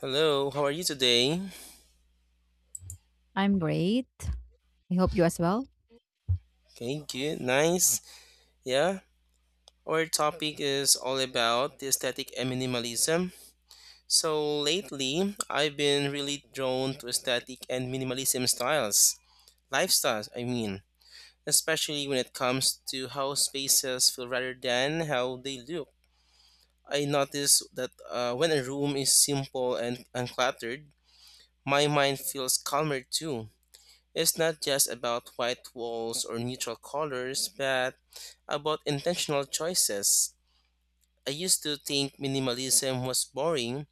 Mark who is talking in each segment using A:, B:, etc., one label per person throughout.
A: Hello, how are you today?
B: I'm great. I hope you as well.
A: Okay, good, nice. Yeah, our topic is all about the aesthetic and minimalism. So lately, I've been really drawn to aesthetic and minimalism styles, lifestyles, I mean, especially when it comes to how spaces feel rather than how they look. I notice that when a room is simple and uncluttered, my mind feels calmer too. It's not just about white walls or neutral colors, but about intentional choices. I used to think minimalism was boring,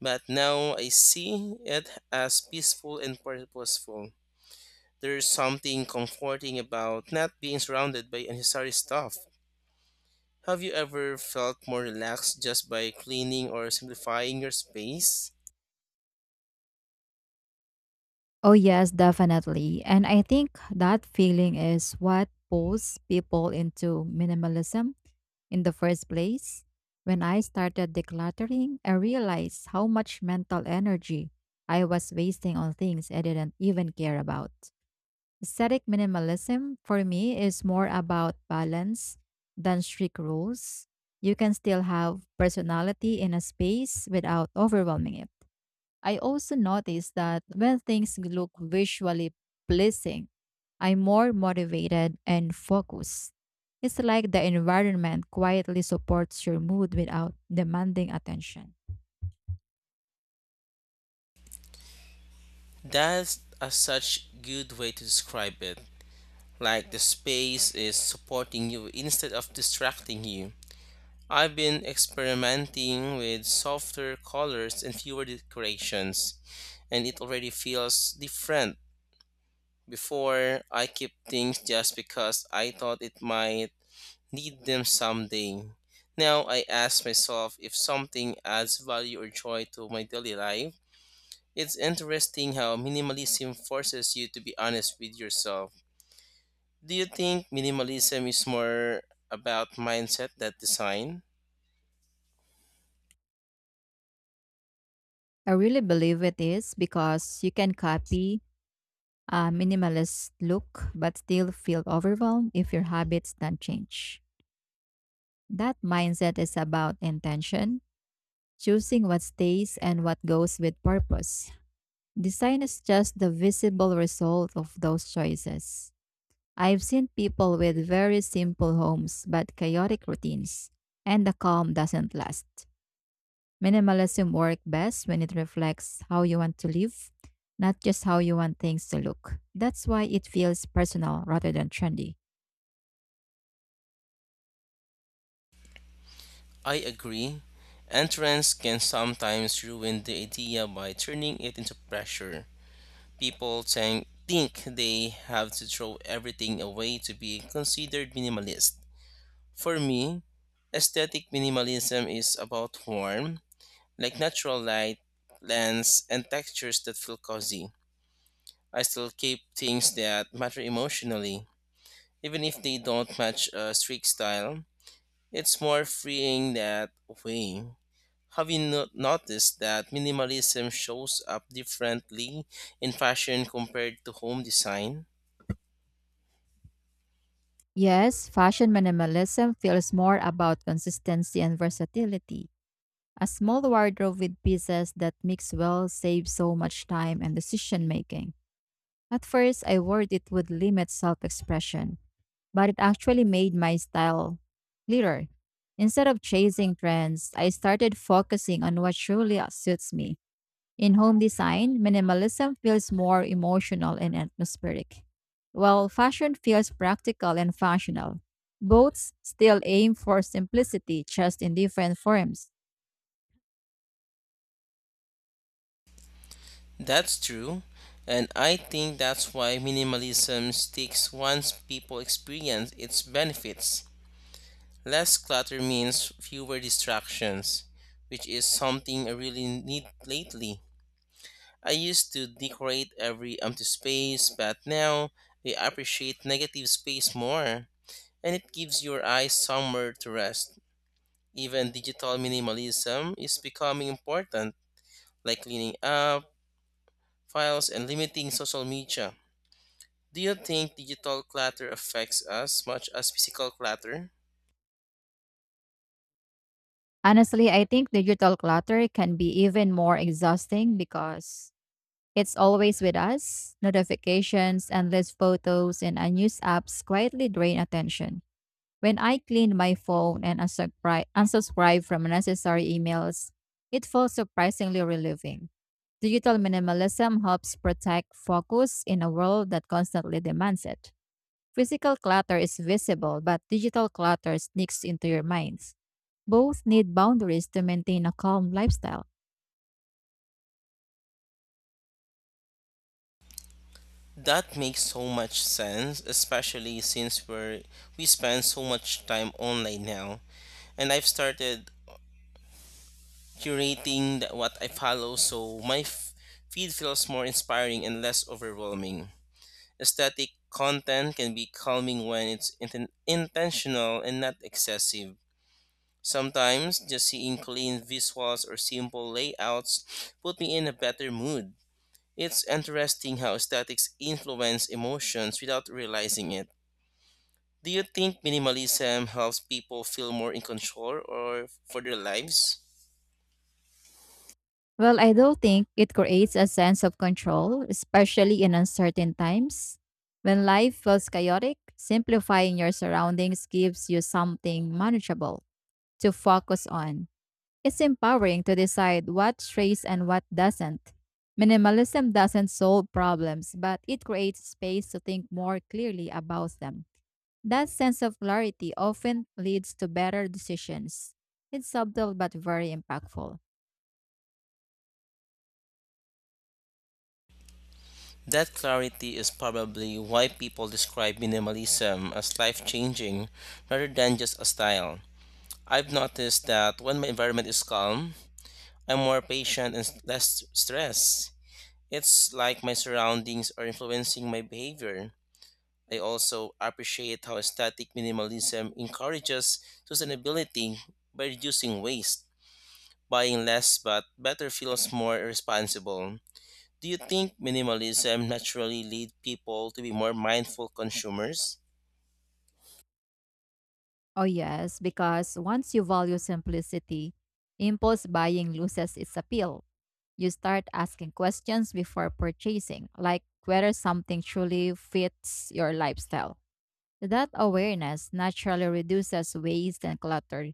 A: but now I see it as peaceful and purposeful. There's something comforting about not being surrounded by unnecessary stuff. Have you ever felt more relaxed just by cleaning or simplifying your space?
B: Oh, yes, definitely. And I think that feeling is what pulls people into minimalism in the first place. When I started decluttering, I realized how much mental energy I was wasting on things I didn't even care about. Aesthetic minimalism for me is more about balance than strict rules. You can still have personality in a space without overwhelming it. I also noticed that when things look visually pleasing, I'm more motivated and focused. It's like the environment quietly supports your mood without demanding attention.
A: That's a such good way to describe it, like the space is supporting you instead of distracting you. I've been experimenting with softer colors and fewer decorations, and it already feels different. Before, I keep things just because I thought it might need them someday. Now, I ask myself if something adds value or joy to my daily life. It's interesting how minimalism forces you to be honest with yourself. Do you think minimalism is more about mindset than design?
B: I really believe it is because you can copy a minimalist look but still feel overwhelmed if your habits don't change. That mindset is about intention, choosing what stays and what goes with purpose. Design is just the visible result of those choices. I've seen people with very simple homes but chaotic routines, and the calm doesn't last. Minimalism works best when it reflects how you want to live, not just how you want things to look. That's why it feels personal rather than trendy.
A: I agree. Entrance can sometimes ruin the idea by turning it into pressure. People think they have to throw everything away to be considered minimalist. For me, aesthetic minimalism is about warm, like natural light, plants, and textures that feel cozy. I still keep things that matter emotionally. Even if they don't match a strict style, it's more freeing that way. Have you noticed that minimalism shows up differently in fashion compared to home design?
B: Yes, fashion minimalism feels more about consistency and versatility. A small wardrobe with pieces that mix well saves so much time and decision making. At first, I worried it would limit self expression, but it actually made my style clearer. Instead of chasing trends, I started focusing on what truly suits me. In home design, minimalism feels more emotional and atmospheric, while fashion feels practical and functional. Both still aim for simplicity, just in different forms.
A: That's true, and I think that's why minimalism sticks once people experience its benefits. Less clutter means fewer distractions, which is something I really need lately. I used to decorate every empty space, but now I appreciate negative space more, and it gives your eyes somewhere to rest. Even digital minimalism is becoming important, like cleaning up files and limiting social media. Do you think digital clutter affects us much as physical clutter?
B: Honestly, I think digital clutter can be even more exhausting because it's always with us. Notifications, endless photos, and unused apps quietly drain attention. When I clean my phone and unsubscribe from unnecessary emails, it feels surprisingly relieving. Digital minimalism helps protect focus in a world that constantly demands it. Physical clutter is visible, but digital clutter sneaks into your minds. Both need boundaries to maintain a calm lifestyle.
A: That makes so much sense, especially since we spend so much time online now. And I've started curating what I follow so my feed feels more inspiring and less overwhelming. Aesthetic content can be calming when it's intentional and not excessive. Sometimes just seeing clean visuals or simple layouts put me in a better mood. It's interesting how aesthetics influence emotions without realizing it. Do you think minimalism helps people feel more in control or for their lives?
B: Well, I do think it creates a sense of control, especially in uncertain times. When life feels chaotic, simplifying your surroundings gives you something manageable to focus on. It's empowering to decide what strays and what doesn't. Minimalism doesn't solve problems, but it creates space to think more clearly about them. That sense of clarity often leads to better decisions. It's subtle but very impactful.
A: That clarity is probably why people describe minimalism as life changing rather than just a style. I've noticed that when my environment is calm, I'm more patient and s- less stressed. It's like my surroundings are influencing my behavior. I also appreciate how aesthetic minimalism encourages sustainability by reducing waste. Buying less but better feels more responsible. Do you think minimalism naturally lead people to be more mindful consumers?
B: Oh, yes, because once you value simplicity, impulse buying loses its appeal. You start asking questions before purchasing, like whether something truly fits your lifestyle. That awareness naturally reduces waste and clutter.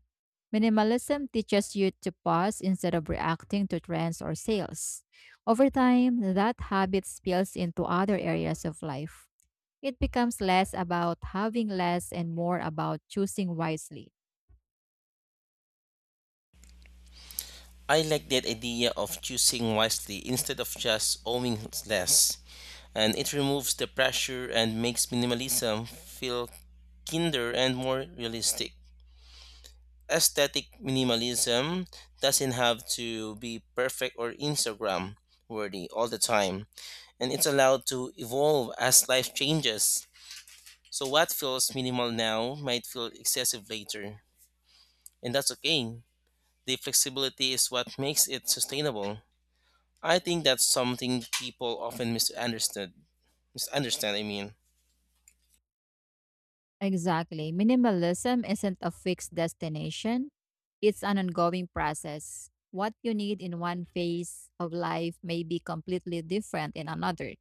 B: Minimalism teaches you to pause instead of reacting to trends or sales. Over time, that habit spills into other areas of life. It becomes less about having less and more about choosing wisely.
A: I like that idea of choosing wisely instead of just owning less, and it removes the pressure and makes minimalism feel kinder and more realistic. Aesthetic minimalism doesn't have to be perfect or Instagram worthy all the time, and it's allowed to evolve as life changes. So, what feels minimal now might feel excessive later, and that's okay. The flexibility is what makes it sustainable. I think that's something people often misunderstood. Misunderstand, I mean.
B: Exactly. Minimalism isn't a fixed destination, it's an ongoing process. What you need in one phase of life may be completely different in another.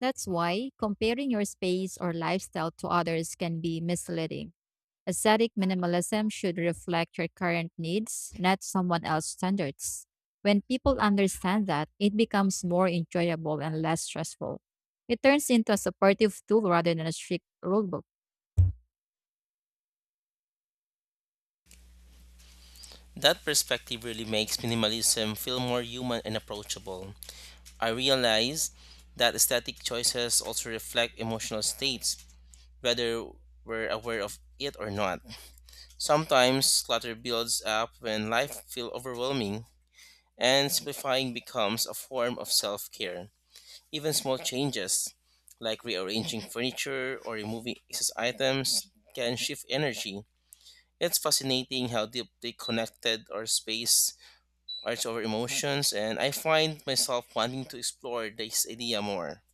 B: That's why comparing your space or lifestyle to others can be misleading. Aesthetic minimalism should reflect your current needs, not someone else's standards. When people understand that, it becomes more enjoyable and less stressful. It turns into a supportive tool rather than a strict rulebook.
A: That perspective really makes minimalism feel more human and approachable. I realize that aesthetic choices also reflect emotional states, whether we're aware of it or not. Sometimes clutter builds up when life feels overwhelming, and simplifying becomes a form of self care. Even small changes, like rearranging furniture or removing excess items, can shift energy. It's fascinating how deeply connected our space are to our emotions, and I find myself wanting to explore this idea more.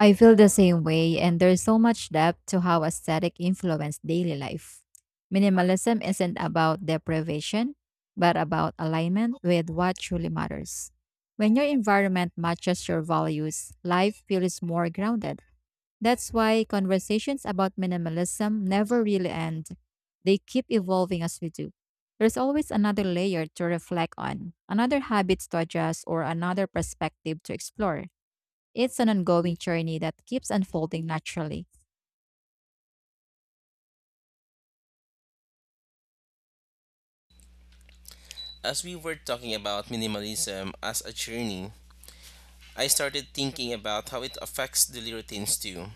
B: I feel the same way, and there's so much depth to how aesthetic influence daily life. Minimalism isn't about deprivation, but about alignment with what truly matters. When your environment matches your values, life feels more grounded. That's why conversations about minimalism never really end. They keep evolving as we do. There's always another layer to reflect on, another habit to adjust, or another perspective to explore. It's an ongoing journey that keeps unfolding naturally.
A: As we were talking about minimalism as a journey, I started thinking about how it affects daily routines too.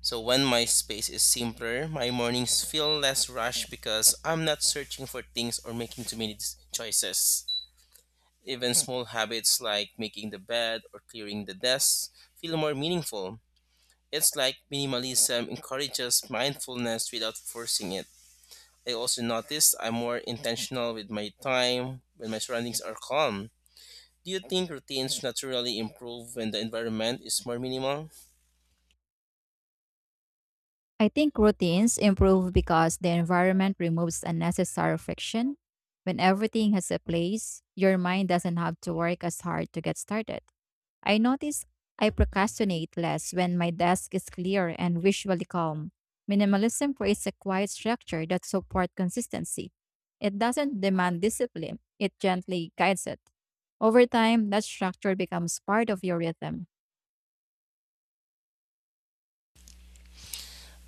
A: So when my space is simpler, my mornings feel less rushed because I'm not searching for things or making too many choices. Even small habits like making the bed or clearing the desk feel more meaningful. It's like minimalism encourages mindfulness without forcing it. I also noticed I'm more intentional with my time when my surroundings are calm. Do you think routines naturally improve when the environment is more minimal?
B: I think routines improve because the environment removes unnecessary friction. When everything has a place, your mind doesn't have to work as hard to get started. I notice I procrastinate less when my desk is clear and visually calm. Minimalism creates a quiet structure that supports consistency. It doesn't demand discipline, it gently guides it. Over time, that structure becomes part of your rhythm.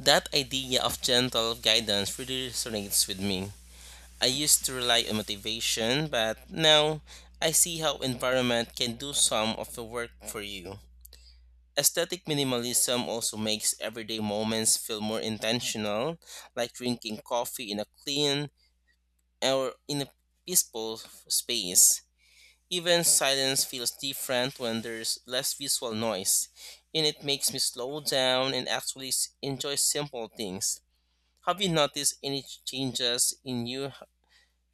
A: That idea of gentle guidance really resonates with me. I used to rely on motivation, but now I see how environment can do some of the work for you. Aesthetic minimalism also makes everyday moments feel more intentional, like drinking coffee in a clean or in a peaceful space. Even silence feels different when there's less visual noise, and it makes me slow down and enjoy simple things. Have you noticed any changes in you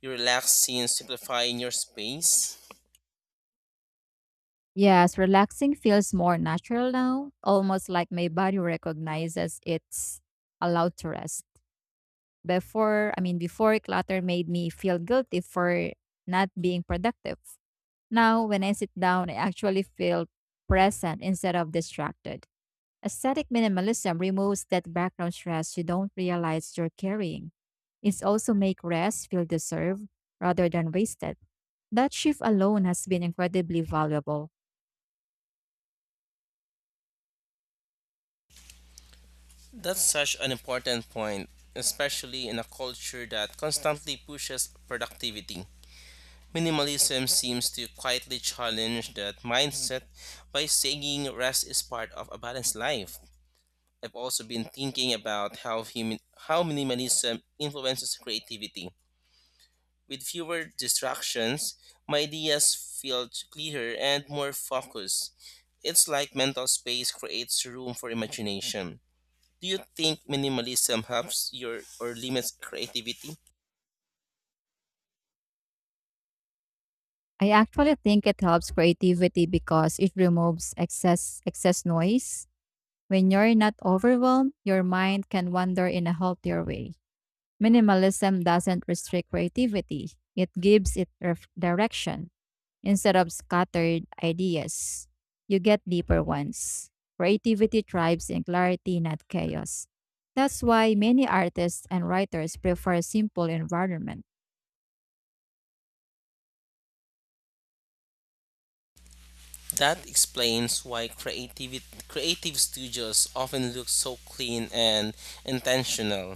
A: you relax since simplifying your space?
B: Yes, relaxing feels more natural now, almost like my body recognizes it's allowed to rest. Before clutter made me feel guilty for not being productive. Now, when I sit down, I actually feel present instead of distracted. Aesthetic minimalism removes that background stress you don't realize you're carrying. It's also make rest feel deserved rather than wasted. That shift alone has been incredibly valuable.
A: That's such an important point, especially in a culture that constantly pushes productivity. Minimalism seems to quietly challenge that mindset by saying rest is part of a balanced life. I've also been thinking about how minimalism influences creativity. With fewer distractions, my ideas feel clearer and more focused. It's like mental space creates room for imagination. Do you think minimalism helps your or limits creativity?
B: I actually think it helps creativity because it removes excess noise. When you're not overwhelmed, your mind can wander in a healthier way. Minimalism doesn't restrict creativity. It gives it direction instead of scattered ideas. You get deeper ones. Creativity thrives in clarity, not chaos. That's why many artists and writers prefer simple environments.
A: That explains why creative studios often look so clean and intentional.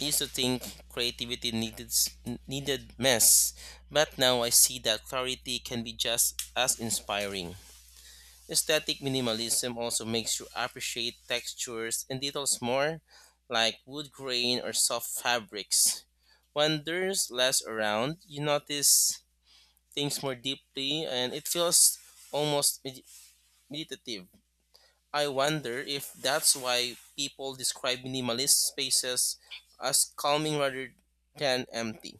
A: I used to think creativity needed mess, but now I see that clarity can be just as inspiring. Aesthetic minimalism also makes you appreciate textures and details more, like wood grain or soft fabrics. When there's less around, you notice things more deeply and it feels almost med- meditative. I wonder if that's why people describe minimalist spaces as calming rather than empty.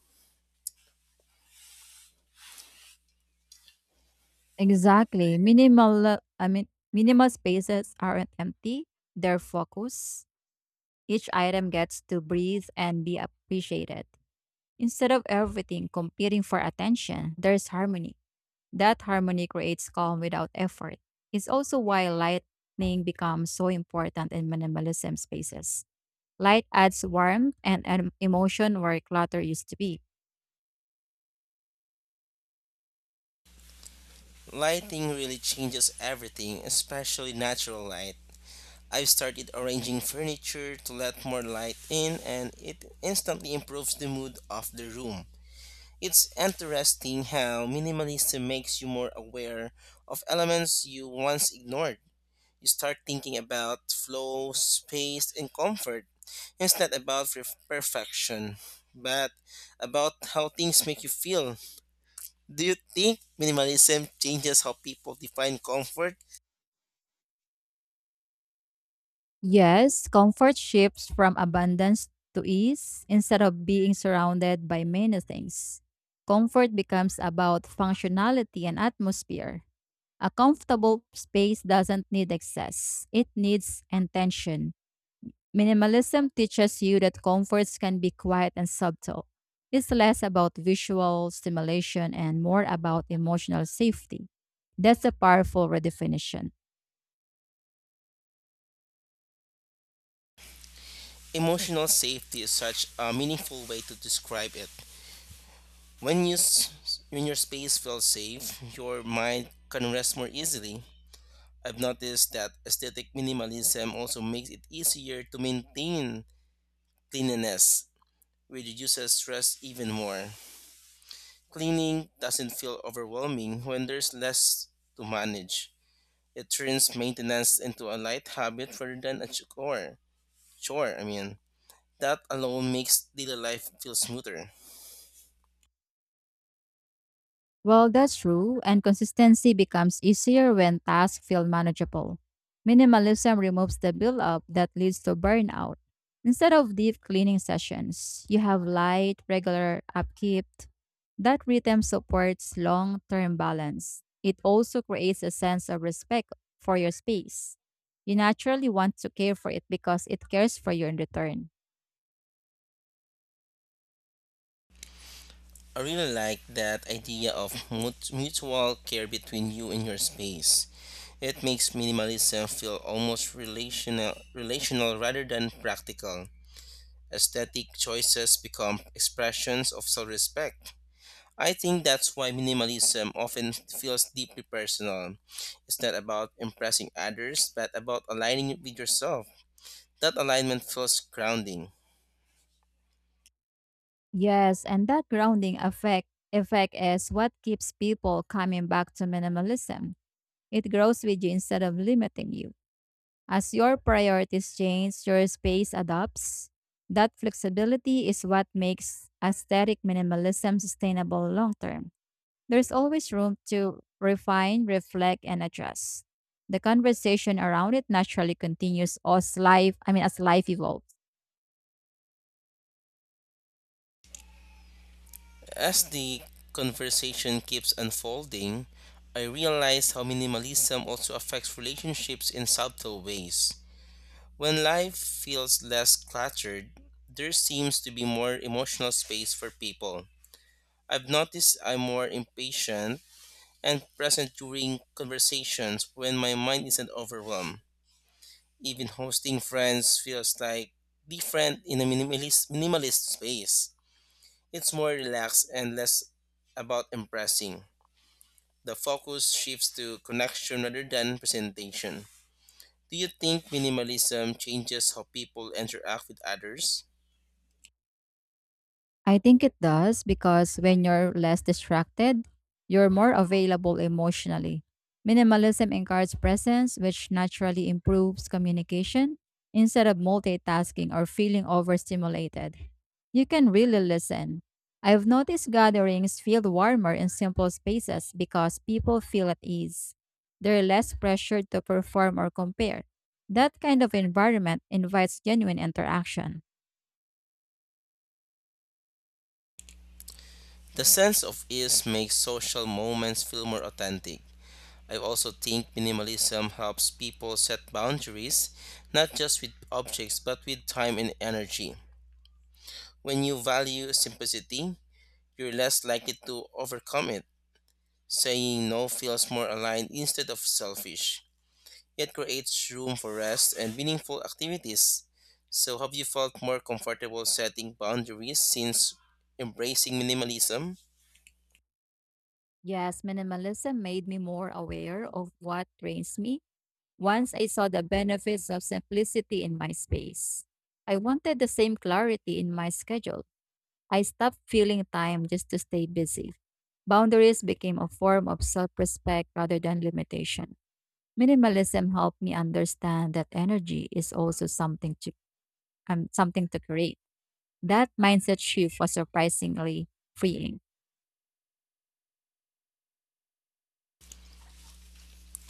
B: Exactly. Minimal spaces aren't empty, they're focused. Each item gets to breathe and be appreciated. Instead of everything competing for attention, there's harmony. That harmony creates calm without effort. It's also why lighting becomes so important in minimalism spaces. Light adds warmth and emotion where clutter used to be.
A: Lighting really changes everything, especially natural light. I've started arranging furniture to let more light in and it instantly improves the mood of the room. It's interesting how minimalism makes you more aware of elements you once ignored. You start thinking about flow, space, and comfort. It's not about perfection, but about how things make you feel. Do you think minimalism changes how people define comfort?
B: Yes, comfort shifts from abundance to ease instead of being surrounded by many things. Comfort becomes about functionality and atmosphere. A comfortable space doesn't need excess, it needs intention. Minimalism teaches you that comforts can be quiet and subtle. It's less about visual stimulation and more about emotional safety. That's a powerful redefinition.
A: Emotional safety is such a meaningful way to describe it. When you s- when your space feels safe, your mind can rest more easily. I've noticed that aesthetic minimalism also makes it easier to maintain cleanliness, which reduces stress even more. Cleaning doesn't feel overwhelming when there's less to manage. It turns maintenance into a light habit rather than a chore. That alone makes daily life feel smoother.
B: Well, that's true, and consistency becomes easier when tasks feel manageable. Minimalism removes the buildup that leads to burnout. Instead of deep cleaning sessions, you have light, regular upkeep. That rhythm supports long term balance. It also creates a sense of respect for your space. You naturally want to care for it because it cares for you in return.
A: I really like that idea of mutual care between you and your space. It makes minimalism feel almost relational rather than practical. Aesthetic choices become expressions of self-respect. I think that's why minimalism often feels deeply personal. It's not about impressing others, but about aligning it with yourself. That alignment feels grounding.
B: Yes, and that grounding effect is what keeps people coming back to minimalism. It grows with you instead of limiting you. As your priorities change, your space adapts. That flexibility is what makes aesthetic minimalism sustainable long term. There's always room to refine, reflect, and adjust. The conversation around it naturally continues as life evolves.
A: As the conversation keeps unfolding, I realize how minimalism also affects relationships in subtle ways. When life feels less cluttered, there seems to be more emotional space for people. I've noticed I'm more impatient and present during conversations when my mind isn't overwhelmed. Even hosting friends feels like different in a minimalist space. It's more relaxed and less about impressing. The focus shifts to connection rather than presentation. Do you think minimalism changes how people interact with others?
B: I think it does because when you're less distracted, you're more available emotionally. Minimalism encourages presence, which naturally improves communication instead of multitasking or feeling overstimulated. You can really listen. I've noticed gatherings feel warmer in simple spaces because people feel at ease. They're less pressured to perform or compare. That kind of environment invites genuine interaction.
A: The sense of ease makes social moments feel more authentic. I also think minimalism helps people set boundaries, not just with objects, but with time and energy. When you value simplicity, you're less likely to overcome it. Saying no feels more aligned instead of selfish. It creates room for rest and meaningful activities. So, have you felt more comfortable setting boundaries since embracing minimalism?
B: Yes, minimalism made me more aware of what drains me once I saw the benefits of simplicity in my space. I wanted the same clarity in my schedule. I stopped filling time just to stay busy. Boundaries became a form of self respect rather than limitation. Minimalism helped me understand that energy is also something to create. That mindset shift was surprisingly freeing.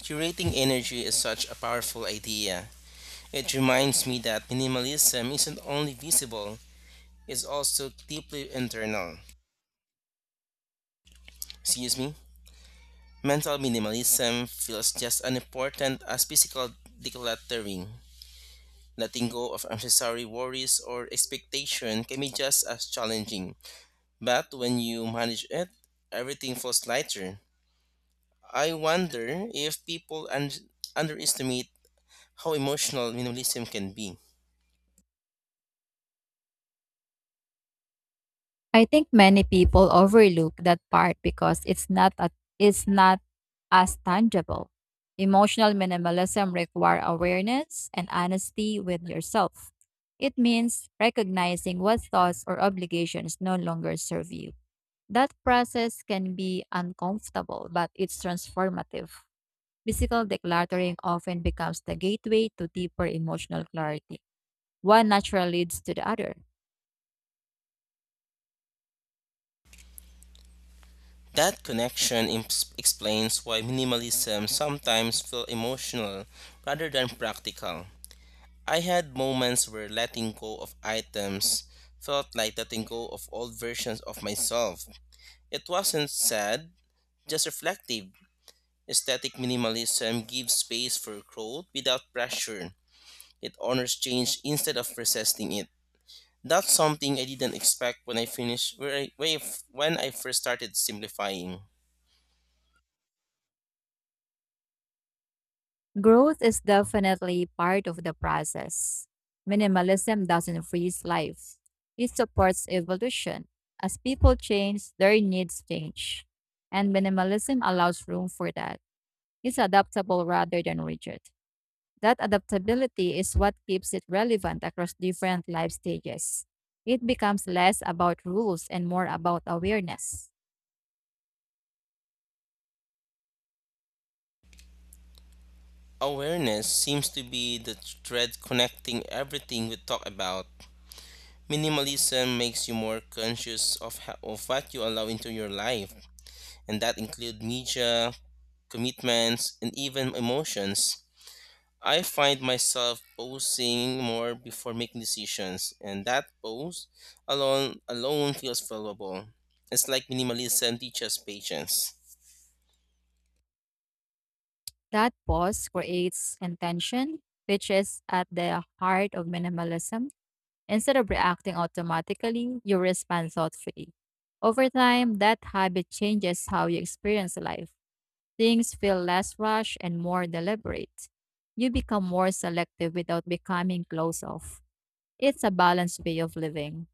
A: Curating energy is such a powerful idea. It reminds me that minimalism isn't only visible, it's also deeply internal. Excuse me? Mental minimalism feels just as important as physical decluttering. Letting go of unnecessary worries or expectation can be just as challenging, but when you manage it, everything feels lighter. I wonder if people underestimate how emotional minimalism can be.
B: I think many people overlook that part because it's not as tangible. Emotional minimalism require awareness and honesty with yourself. It means recognizing what thoughts or obligations no longer serve you. That process can be uncomfortable, but it's transformative. Physical decluttering often becomes the gateway to deeper emotional clarity. One naturally leads to the other.
A: That connection imps explains why minimalism sometimes feels emotional rather than practical. I had moments where letting go of items felt like letting go of old versions of myself. It wasn't sad, just reflective. Aesthetic minimalism gives space for growth without pressure. It honors change instead of resisting it. That's something I didn't expect when I finished where I f- when I first started simplifying.
B: Growth is definitely part of the process. Minimalism doesn't freeze life, it supports evolution. As people change, their needs change. And minimalism allows room for that. It's adaptable rather than rigid. That adaptability is what keeps it relevant across different life stages. It becomes less about rules and more about awareness.
A: Awareness seems to be the thread connecting everything we talk about. Minimalism makes you more conscious of, of what you allow into your life, and that include media, commitments, and even emotions. I find myself posing more before making decisions, and that pose alone feels valuable. It's like minimalism teaches patience.
B: That pause creates intention, which is at the heart of minimalism. Instead of reacting automatically, you respond thoughtfully. Over time, that habit changes how you experience life. Things feel less rushed and more deliberate. You become more selective without becoming closed off. It's a balanced way of living.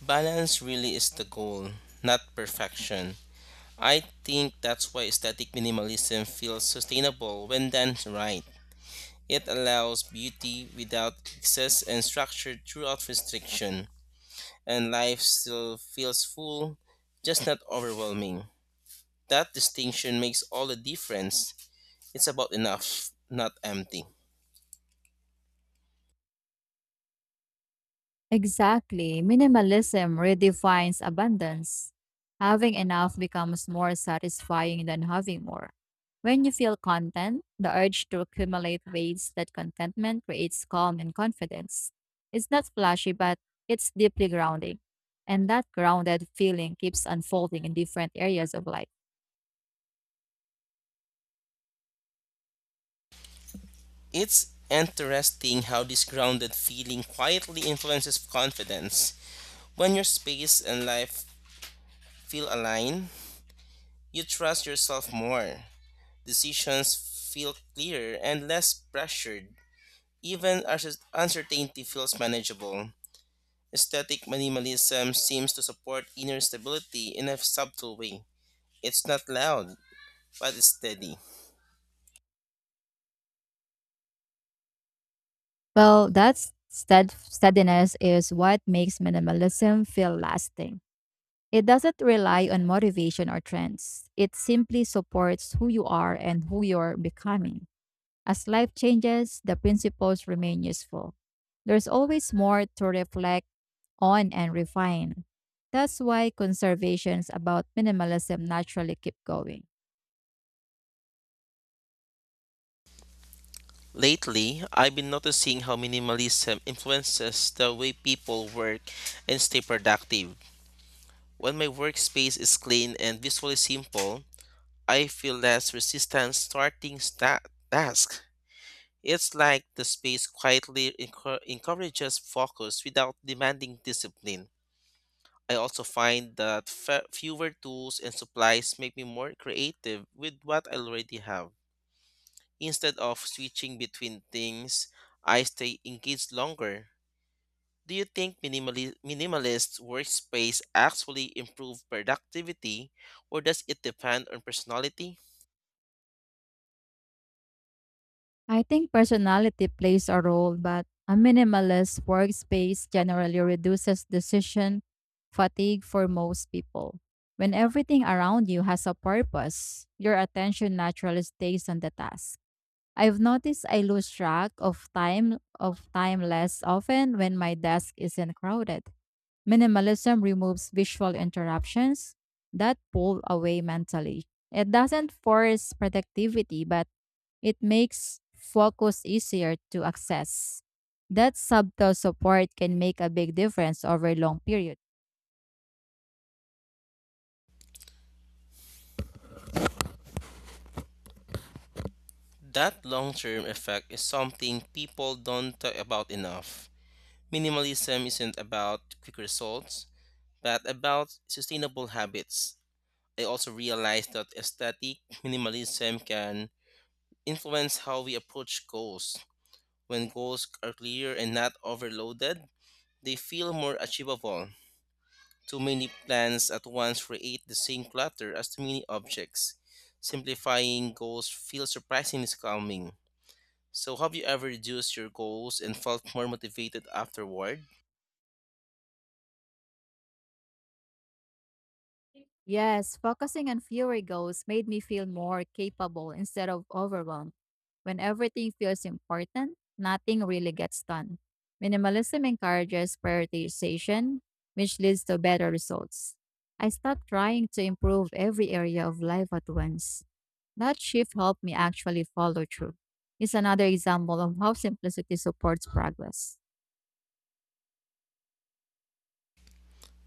A: Balance really is the goal, not perfection. I think that's why aesthetic minimalism feels sustainable when done right. It allows beauty without excess and structure throughout restriction, and life still feels full, just not overwhelming. That distinction makes all the difference. It's about enough, not empty.
B: Exactly. Minimalism redefines abundance. Having enough becomes more satisfying than having more. When you feel content, the urge to accumulate fades. That contentment creates calm and confidence. It's not flashy, but it's deeply grounding. And that grounded feeling keeps unfolding in different areas of life.
A: It's interesting how this grounded feeling quietly influences confidence. When your space and life feel aligned, you trust yourself more. Decisions feel clearer and less pressured. Even as uncertainty feels manageable. Aesthetic minimalism seems to support inner stability in a subtle way. It's not loud, but it's steady.
B: Well, that steadiness is what makes minimalism feel lasting. It doesn't rely on motivation or trends. It simply supports who you are and who you're becoming. As life changes, the principles remain useful. There's always more to reflect on and refine. That's why conservations about minimalism naturally keep going.
A: Lately, I've been noticing how minimalism influences the way people work and stay productive. When my workspace is clean and visually simple, I feel less resistance tasks. It's like the space quietly encourages focus without demanding discipline. I also find that fewer tools and supplies make me more creative with what I already have. Instead of switching between things, I stay engaged longer. Do you think minimalist workspace actually improve productivity or does it depend on personality?
B: I think personality plays a role, but a minimalist workspace generally reduces decision fatigue for most people. When everything around you has a purpose, your attention naturally stays on the task. I've noticed I lose track of time less often when my desk isn't crowded. Minimalism removes visual interruptions that pull away mentally. It doesn't force productivity, but it makes focus easier to access. That subtle support can make a big difference over long periods.
A: That long-term effect is something people don't talk about enough. Minimalism isn't about quick results, but about sustainable habits. I also realized that aesthetic minimalism can influence how we approach goals. When goals are clear and not overloaded, they feel more achievable. Too many plans at once create the same clutter as too many objects. Simplifying goals feels surprisingly calming. So, have you ever reduced your goals and felt more motivated afterward?
B: Yes, focusing on fewer goals made me feel more capable instead of overwhelmed. When everything feels important, nothing really gets done. Minimalism encourages prioritization, which leads to better results. I stopped trying to improve every area of life at once. That shift helped me actually follow through. It's another example of how simplicity supports progress.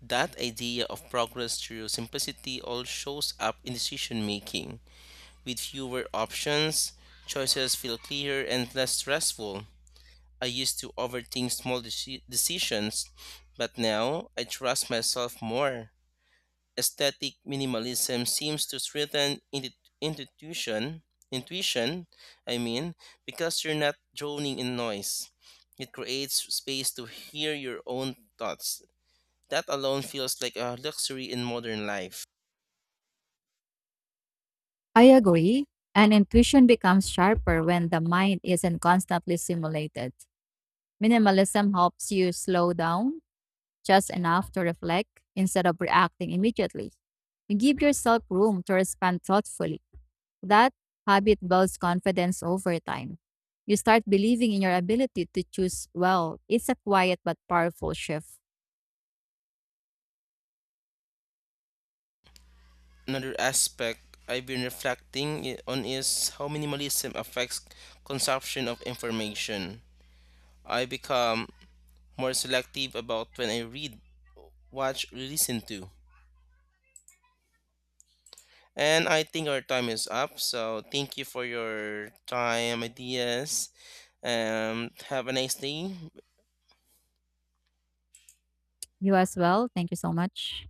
A: That idea of progress through simplicity all shows up in decision making. With fewer options, choices feel clearer and less stressful. I used to overthink small decisions, but now I trust myself more. Aesthetic minimalism seems to strengthen intuition, intuition, I mean, because you're not drowning in noise. It creates space to hear your own thoughts that alone feels like a luxury in modern life.
B: I agree, and intuition becomes sharper when the mind isn't constantly simulated. Minimalism helps you slow down just enough to reflect instead of reacting immediately. You give yourself room to respond thoughtfully. That habit builds confidence over time. You start believing in your ability to choose well. It's a quiet but powerful shift.
A: Another aspect I've been on is how minimalism affects consumption of information. I become more selective about when I read, watch, or listen to. And I think our time is up, so thank you for your time, ideas, and have a nice day.
B: You as well. Thank you so much.